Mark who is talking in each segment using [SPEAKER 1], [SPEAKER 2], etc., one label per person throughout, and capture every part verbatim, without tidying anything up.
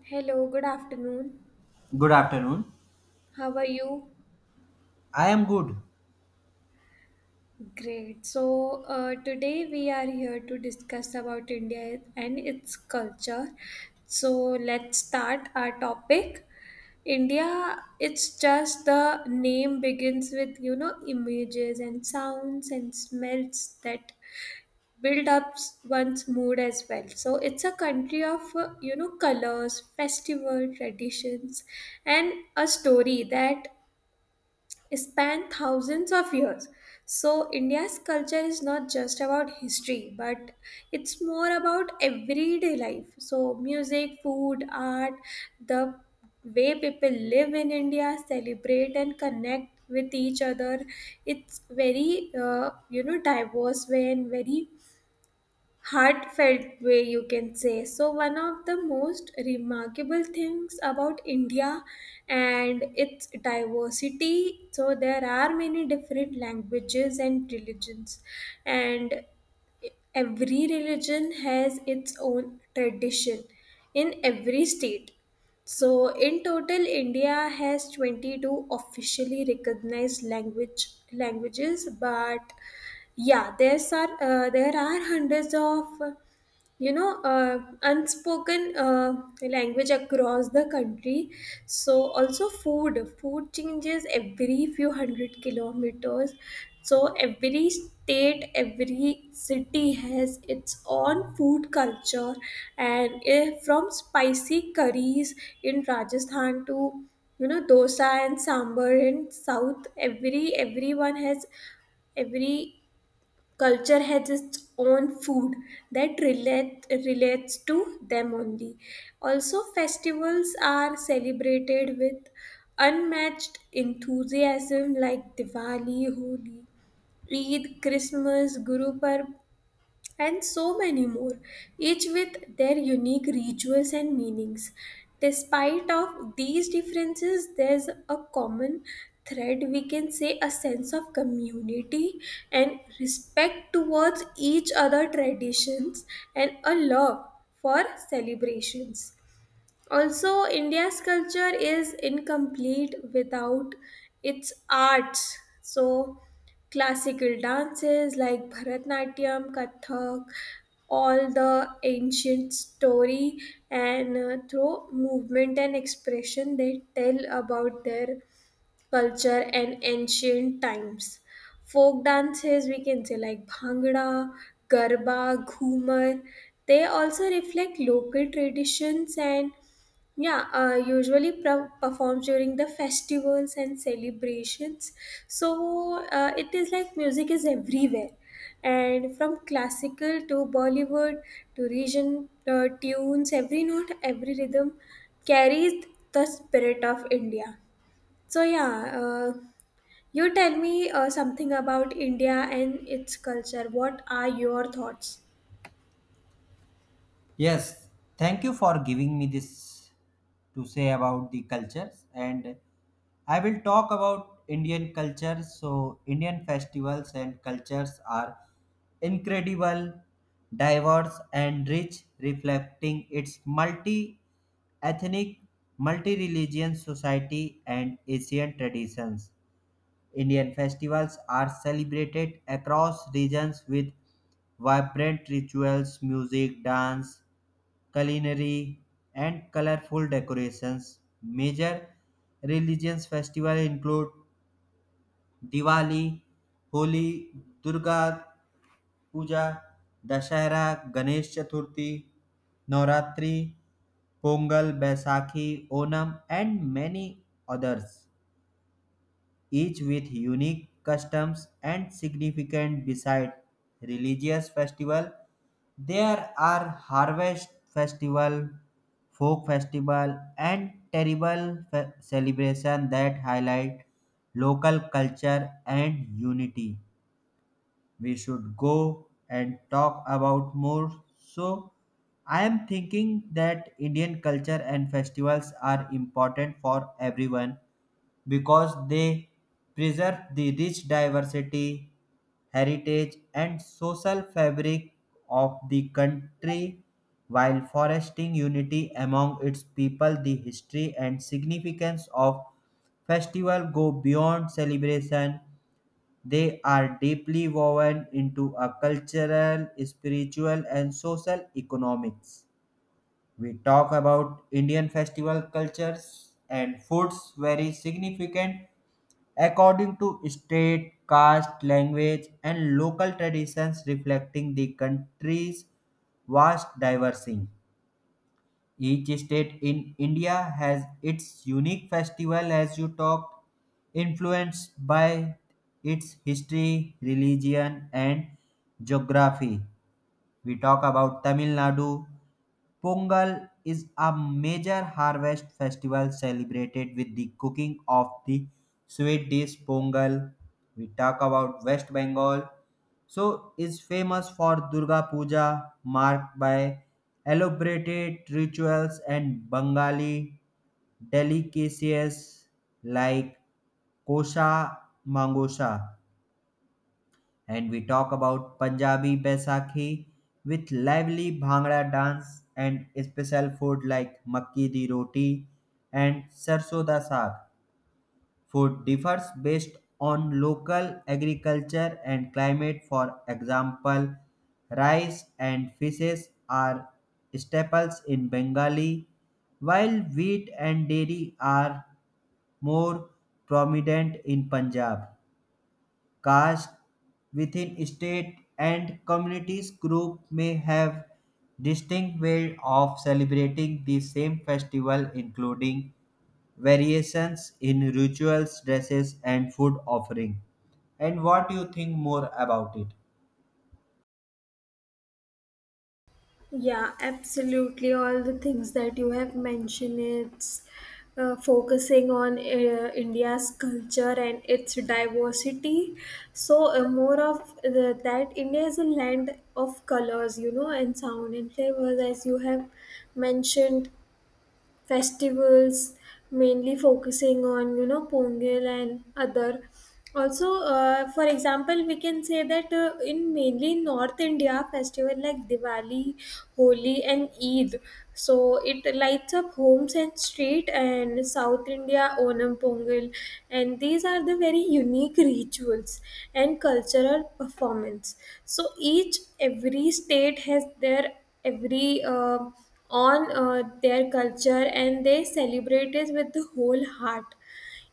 [SPEAKER 1] Hello, good afternoon.
[SPEAKER 2] Good afternoon.
[SPEAKER 1] How are you?
[SPEAKER 2] I am good.
[SPEAKER 1] Great. So, uh, today we are here to discuss about India and its culture. So, let's start our topic. India, it's just the name begins with, you know, images and sounds and smells that build up one's mood as well. So, it's a country of, uh, you know, colors, festival traditions, and a story that span thousands of years. So, India's culture is not just about history, but it's more about everyday life. So, music, food, art, the way people live in India, celebrate and connect with each other. It's very, uh, you know, diverse way and very heartfelt way, you can say. So one of the most remarkable things about India and its diversity, so there are many different languages and religions, and every religion has its own tradition in every state. So, in total, India has twenty-two officially recognized language languages, but yeah, there's are uh, there are hundreds of, you know uh, unspoken uh, language across the country. So also, food food changes every few hundred kilometers. So every state, every city has its own food culture, and eh, from spicy curries in Rajasthan to, you know, dosa and sambar in south. Every everyone has every culture has its own food that relate, relates to them only. Also, festivals are celebrated with unmatched enthusiasm like Diwali, Holi, Eid, Christmas, Guru Parv, and so many more, each with their unique rituals and meanings. Despite of these differences, there's a common thread, we can say, a sense of community and respect towards each other traditions and a love for celebrations. Also, India's culture is incomplete without its arts. So, classical dances like Bharatnatyam, Kathak, all the ancient story and, uh, through movement and expression, they tell about their culture and ancient times. Folk dances, we can say, like Bhangra, Garba, Ghumar, they also reflect local traditions and, yeah, uh, usually pre- performs during the festivals and celebrations. So uh, it is like music is everywhere, and from classical to Bollywood to region uh, tunes, every note, every rhythm carries the spirit of India. So yeah, uh, you tell me uh, something about India and its culture. What are your thoughts?
[SPEAKER 2] Yes, thank you for giving me this to say about the cultures and I will talk about Indian culture. So, Indian festivals and cultures are incredible, diverse and rich, reflecting its multi-ethnic, multi-religion society and Asian traditions. Indian festivals are celebrated across regions with vibrant rituals, music, dance, culinary, and colorful decorations. Major religious festivals include Diwali, Holi, Durga Puja, Dashera, Ganesh Chaturthi, Navratri, Pongal, Baisakhi, Onam, and many others. Each with unique customs and significant beside religious festival there are harvest festival folk festival and terrible fe- celebration that highlight local culture and unity. We should go and talk about more. So I am thinking that Indian culture and festivals are important for everyone because they preserve the rich diversity, heritage, and social fabric of the country while fostering unity among its people. The history and significance of festival go beyond celebration. They are deeply woven into a cultural, spiritual, and social economics. We talk about Indian festival cultures and foods very significant according to state, caste, language, and local traditions reflecting the country's vast diversity. Each state in India has its unique festival, as you talked, influenced by its history, religion, and geography. We talk about Tamil Nadu, Pongal is a major harvest festival celebrated with the cooking of the sweet dish Pongal. We talk about West Bengal. So is famous for Durga Puja, marked by elaborated rituals and Bengali delicacies like kosha mangosha, and we talk about Punjabi Baisakhi with lively Bhangra dance and special food like makki di roti and sarso da saag. Food differs based on local agriculture and climate. For example, rice and fishes are staples in Bengali, while wheat and dairy are more prominent in Punjab. Caste within state and communities group may have distinct ways of celebrating the same festival including variations in rituals, dresses and food offering. And what do you think more about it?
[SPEAKER 1] Yeah, absolutely. All the things that you have mentioned, it's uh, focusing on uh, India's culture and its diversity. So, uh, more of the, that, India is a land of colors, you know, and sound and flavors, as you have mentioned festivals, mainly focusing on, you know, Pongal and other. Also, uh, for example, we can say that, uh, in mainly north India, festival like Diwali, Holi and Eid, so it lights up homes and street, and south India, Onam, Pongal, and these are the very unique rituals and cultural performance. So each, every state has their every, uh, on uh, their culture, and they celebrate it with the whole heart.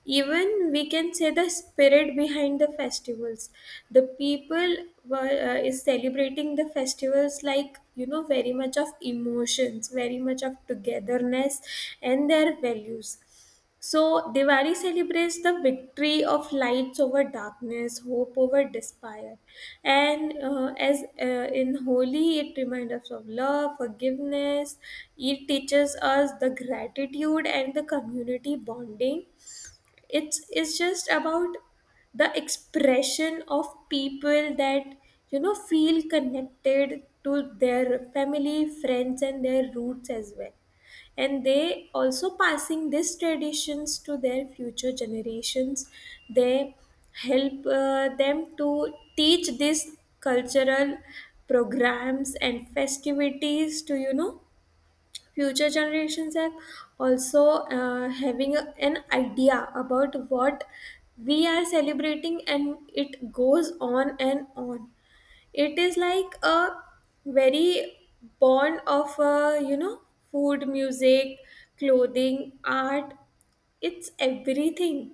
[SPEAKER 1] Even we can say the spirit behind the festivals, the people were, uh, is celebrating the festivals like, you know, very much of emotions, very much of togetherness, and their values. So, Diwali celebrates the victory of lights over darkness, hope over despair. And uh, as uh, in Holi, it reminds us of love, forgiveness. It teaches us the gratitude and the community bonding. It's it's just about the expression of people that, you know, feel connected to their family, friends and their roots as well, and they also passing these traditions to their future generations. They help uh, them to teach these cultural programs and festivities to, you know, future generations are also uh, having a- an idea about what we are celebrating, and it goes on and on. It is like a very bond of, uh, you know, food, music, clothing, art, it's everything.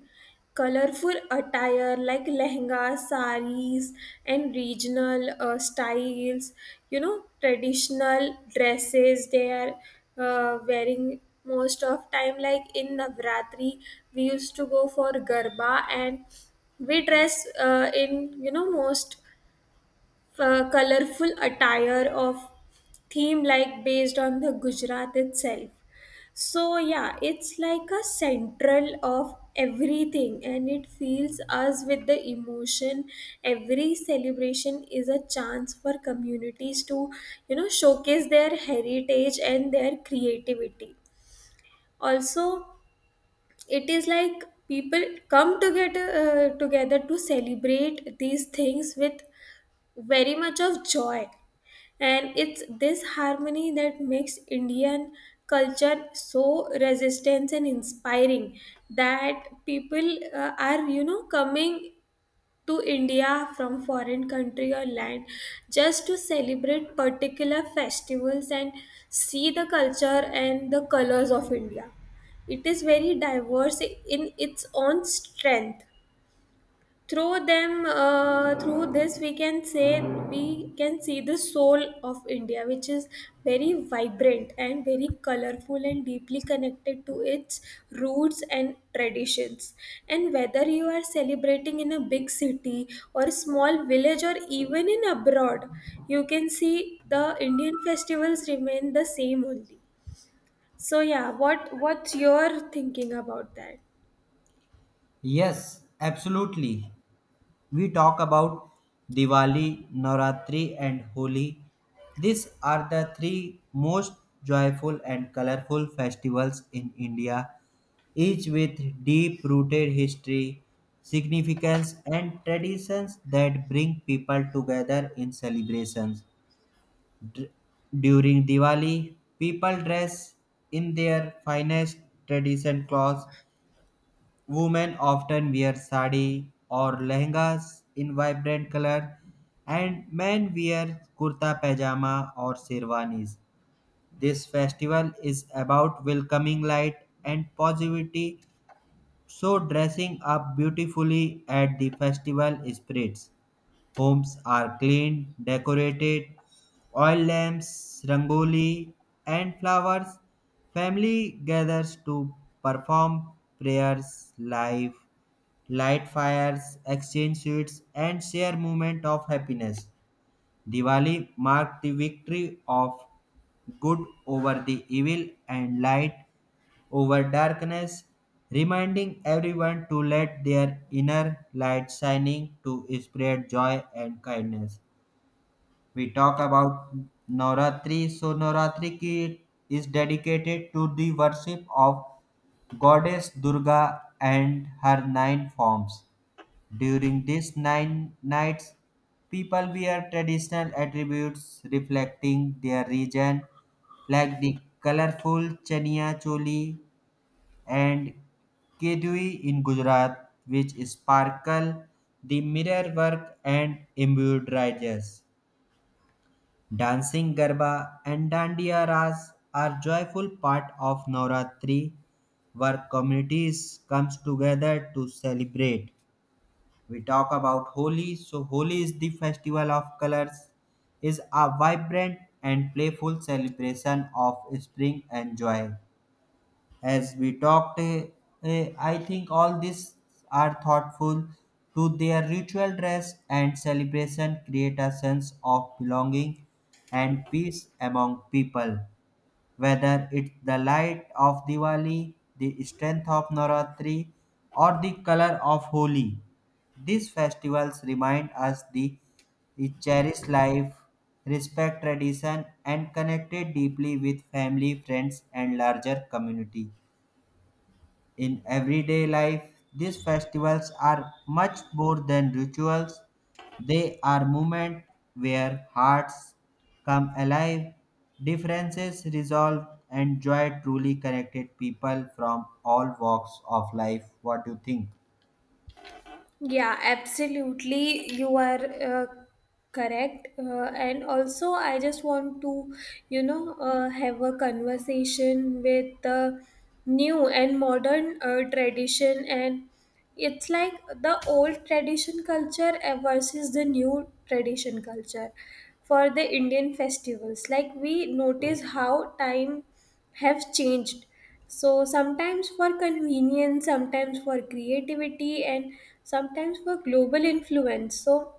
[SPEAKER 1] Colorful attire like lehenga, saris, and regional uh, styles. You know, traditional dresses they are uh, wearing most of time. Like in Navratri, we used to go for garba, and we dress uh, in, you know, most uh, colorful attire of theme like based on the Gujarat itself. So yeah, it's like a central of everything, and it fills us with the emotion. Every celebration is a chance for communities to, you know, showcase their heritage and their creativity. Also, it is like people come together uh, together to celebrate these things with very much of joy, and it's this harmony that makes Indian culture so resistant and inspiring, that people uh, are, you know, coming to India from foreign country or land, just to celebrate particular festivals and see the culture and the colors of India. It is very diverse in its own strength. Through them, uh, through this, we can say, we can see the soul of India, which is very vibrant and very colorful and deeply connected to its roots and traditions. And whether you are celebrating in a big city or a small village or even in abroad, you can see the Indian festivals remain the same only. So yeah, what what's your thinking about that?
[SPEAKER 2] Yes, absolutely. We talk about Diwali, Navratri, and Holi. These are the three most joyful and colorful festivals in India, each with deep rooted history, significance, and traditions that bring people together in celebrations. Dr- During Diwali, people dress in their finest tradition clothes. Women often wear sari or lehengas in vibrant color, and men wear kurta pajama or sherwanis. This festival is about welcoming light and positivity, so dressing up beautifully at the festival spreads. Homes are cleaned, decorated, oil lamps, rangoli, and flowers. Family gathers to perform prayers live light fires, exchange sweets, and share moment of happiness. Diwali marked the victory of good over the evil and light over darkness, reminding everyone to let their inner light shining to spread joy and kindness. We talk about Navratri. So Navratri ki- is dedicated to the worship of goddess Durga and her nine forms during these nine nights, people wear traditional attributes reflecting their region, like the colorful chania choli and kedui in Gujarat, which sparkle the mirror work and embroideries. Dancing Garba and Dandiya Ras are joyful part of Navratri, where communities comes together to celebrate. We talk about Holi. So, Holi is the festival of colors, is a vibrant and playful celebration of spring and joy. As we talked, eh, eh, I think all these are thoughtful to their ritual dress and celebration create a sense of belonging and peace among people. Whether it's the light of Diwali, the strength of Navratri, or the color of Holi, these festivals remind us the we cherish life, respect tradition, and connected deeply with family, friends, and larger community. In everyday life, these festivals are much more than rituals. They are moments where hearts come alive, differences resolved, and joy truly connected people from all walks of life. What do you think?
[SPEAKER 1] Yeah, absolutely. You are uh, correct. Uh, and also, I just want to, you know, uh, have a conversation with the new and modern uh, tradition. And it's like the old tradition culture uh, versus the new tradition culture for the Indian festivals. Like, we notice how time have changed, so sometimes for convenience, sometimes for creativity, and sometimes for global influence. So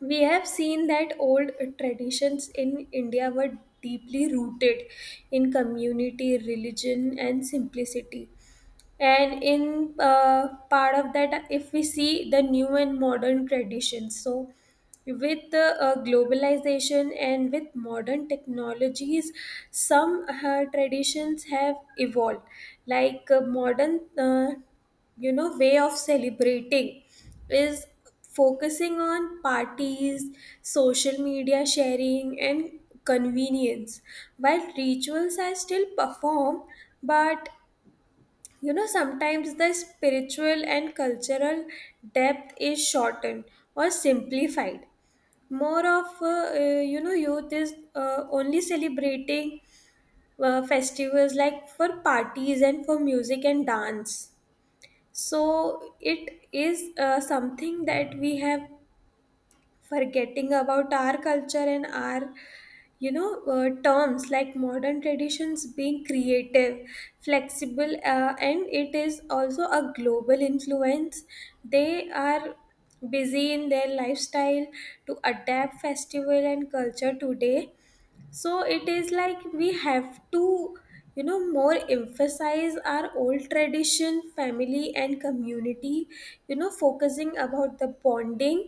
[SPEAKER 1] we have seen that old traditions in India were deeply rooted in community, religion, and simplicity. And in uh, part of that, if we see the new and modern traditions, so with the uh, globalization and with modern technologies, some uh, traditions have evolved, like uh, modern uh, you know, way of celebrating is focusing on parties, social media sharing and convenience, while rituals are still performed, but, you know, sometimes the spiritual and cultural depth is shortened or simplified. More of, uh, uh, you know, youth is uh, only celebrating uh, festivals like for parties and for music and dance. So it is uh, something that we have forgetting about our culture and our, you know, uh, terms like modern traditions being creative, flexible, uh, and it is also a global influence. They are busy in their lifestyle to adapt festival and culture today. So it is like we have to, you know, more emphasize our old tradition, family and community, you know, focusing about the bonding.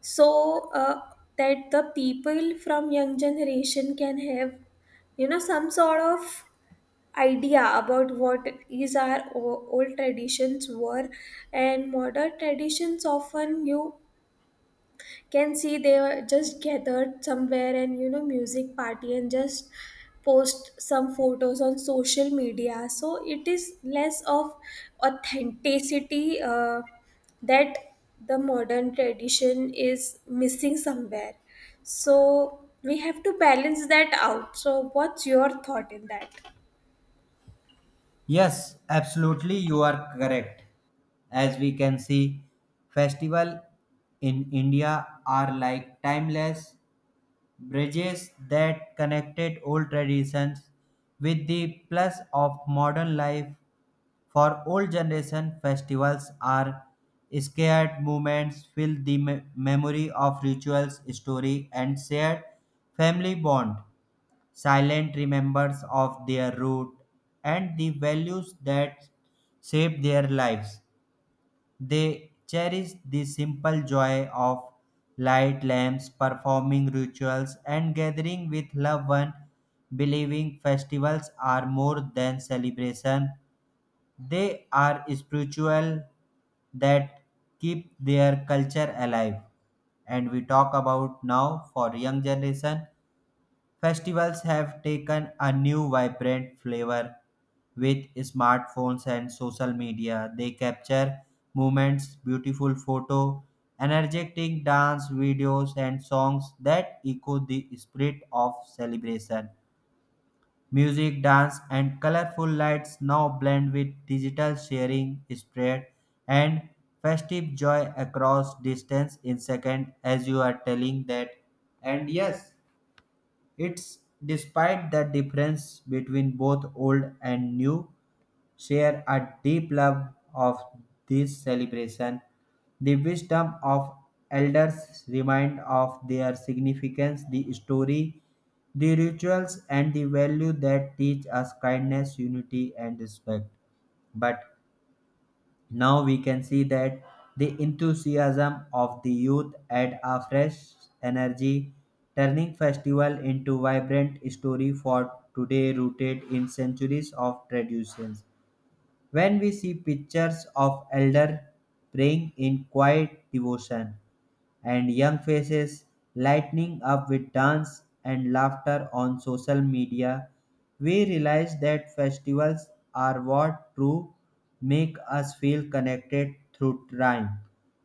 [SPEAKER 1] So uh, that the people from young generation can have, you know, some sort of idea about what is our o- old traditions were. And modern traditions, often you can see they were just gathered somewhere and, you know, music party and just post some photos on social media. So it is less of authenticity, uh, that the modern tradition is missing somewhere. So we have to balance that out. So what's your thought in that?
[SPEAKER 2] Yes, absolutely, you are correct. As we can see, festival in India are like timeless bridges that connected old traditions with the plus of modern life for old generation festivals are scared moments fill the me- memory of rituals story and shared family bond, silent remembers of their root and the values that shape their lives. They cherish the simple joy of light lamps, performing rituals, and gathering with loved ones, believing festivals are more than celebration. They are spiritual that keep their culture alive. And we talk about now for young generation. Festivals have taken a new vibrant flavor with smartphones and social media. They capture moments, beautiful photo, energetic dance videos and songs that echo the spirit of celebration. Music, dance and colorful lights now blend with digital sharing spread and festive joy across distance in second, as you are telling that. And yes, it's despite the difference between both old and new, share a deep love of this celebration. The wisdom of elders remind of their significance, the story, the rituals, and the value that teach us kindness, unity, and respect. But now we can see that the enthusiasm of the youth add a fresh energy, turning festival into vibrant story for today rooted in centuries of traditions. When we see pictures of elder praying in quiet devotion, and young faces lighting up with dance and laughter on social media, we realize that festivals are what true make us feel connected through time,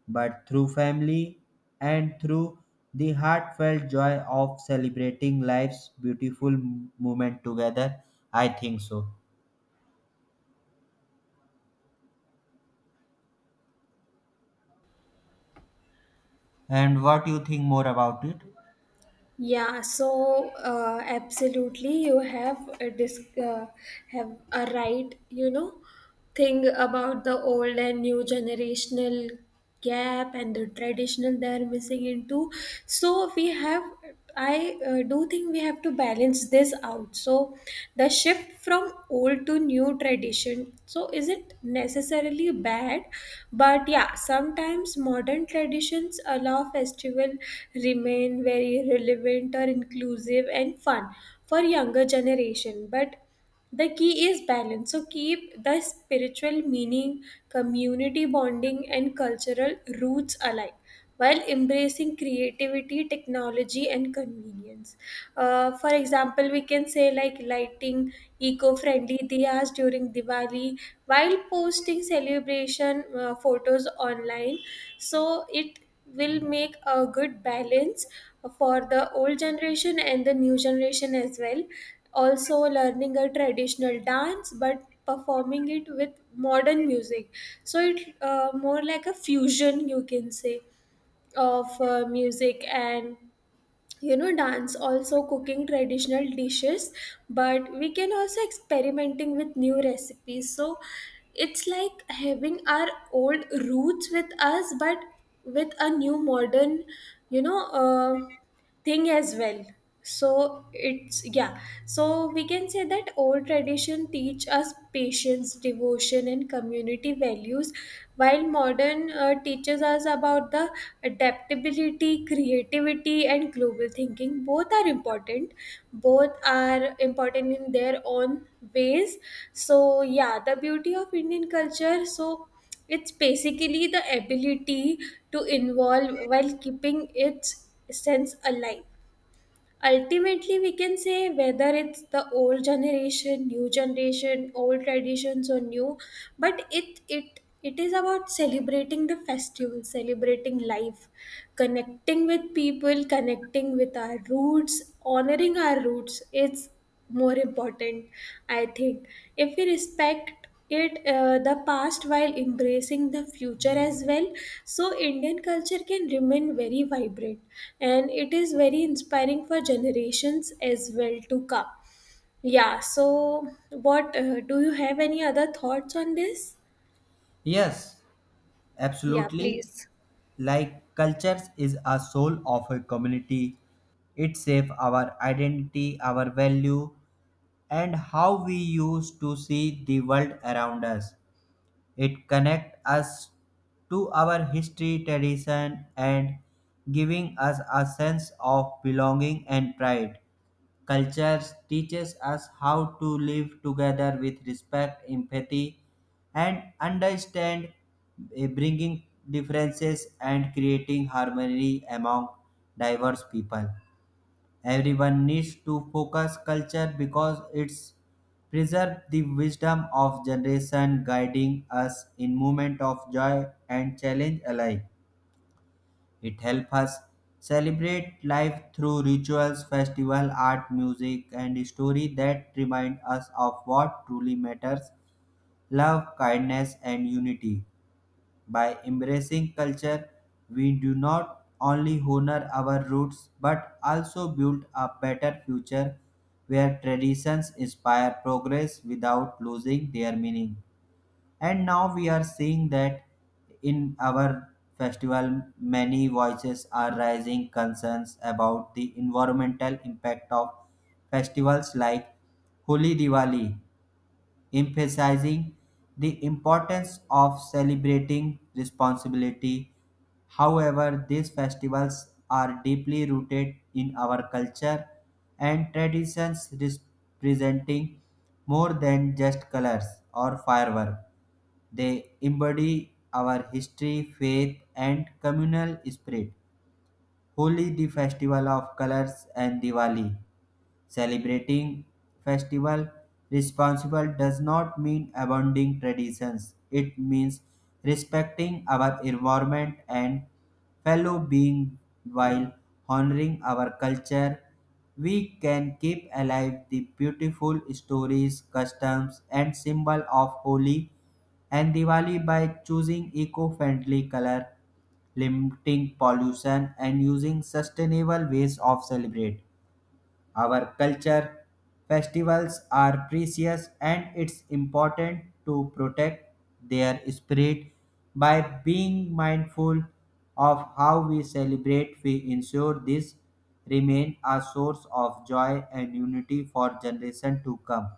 [SPEAKER 2] but through family and through the heartfelt joy of celebrating life's beautiful moment together. I think so. And what do you think more about it?
[SPEAKER 1] Yeah, so uh, absolutely. You have a disc, uh, have a right, you know, thing about the old and new generational gap and the traditional they are missing into. So we have, I uh, do think we have to balance this out. So the shift from old to new tradition, so isn't necessarily bad, but yeah, sometimes modern traditions allow festivals festival remain very relevant or inclusive and fun for younger generation. But the key is balance, so keep the spiritual meaning, community bonding and cultural roots alive, while embracing creativity, technology and convenience. Uh, for example, we can say like lighting eco-friendly diyas during Diwali while posting celebration uh, photos online. So it will make a good balance for the old generation and the new generation as well. Also, learning a traditional dance but performing it with modern music, so it uh, more like a fusion, you can say, of uh, music and, you know, dance. Also cooking traditional dishes, but we can also experimenting with new recipes. So it's like having our old roots with us, but with a new modern, you know, uh, thing as well. So it's, yeah, so we can say that old tradition teach us patience, devotion and community values, while modern uh, teaches us about the adaptability, creativity and global thinking. Both are important both are important in their own ways. So yeah, the beauty of Indian culture, so it's basically the ability to involve while keeping its sense alive. Ultimately, we can say whether it's the old generation, new generation, old traditions or new, but it it it is about celebrating the festival, celebrating life, connecting with people, connecting with our roots, honoring our roots. It's more important, I think. If we respect it uh, the past while embracing the future as well, so Indian culture can remain very vibrant, and it is very inspiring for generations as well to come. Yeah, so what uh, do you have any other thoughts on this?
[SPEAKER 2] Yes,
[SPEAKER 1] Yeah,
[SPEAKER 2] absolutely.
[SPEAKER 1] please.
[SPEAKER 2] Like cultures is a soul of a community, it shapes our identity, our value and how we use to see the world around us. It connects us to our history tradition and giving us a sense of belonging and pride. Culture teaches us how to live together with respect, empathy, and understand, eh, bringing differences and creating harmony among diverse people. Everyone needs to focus culture because it's preserve the wisdom of generation guiding us in moment of joy and challenge alike. It helps us celebrate life through rituals, festival, art, music, and story that remind us of what truly matters, love, kindness, and unity. By embracing culture, we do not only honor our roots but also build a better future where traditions inspire progress without losing their meaning. And now we are seeing that in our festival, many voices are raising concerns about the environmental impact of festivals like Holi Diwali, emphasizing the importance of celebrating responsibility. However, these festivals are deeply rooted in our culture and traditions, representing more than just colors or fireworks. They embody our history, faith, and communal spirit. Holi, the festival of colors, and Diwali. Celebrating festival responsible does not mean abandoning traditions. It means respecting our environment and fellow being while honoring our culture. We can keep alive the beautiful stories, customs, and symbol of Holi and Diwali by choosing eco-friendly color, limiting pollution, and using sustainable ways of celebrate. Our culture festivals are precious and it's important to protect their spirit by being mindful of how we celebrate, we ensure this remain a source of joy and unity for generations to come.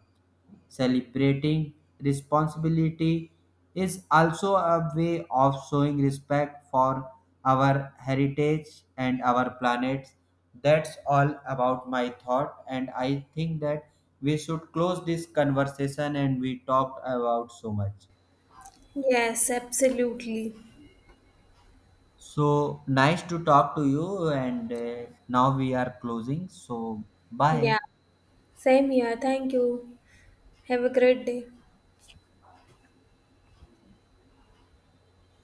[SPEAKER 2] Celebrating responsibility is also a way of showing respect for our heritage and our planet. That's all about my thought, and I think that we should close this conversation and we talked about so much.
[SPEAKER 1] Yes, absolutely.
[SPEAKER 2] So nice to talk to you, and uh, now we are closing. So, bye.
[SPEAKER 1] Yeah, same here, thank you. Have a great day.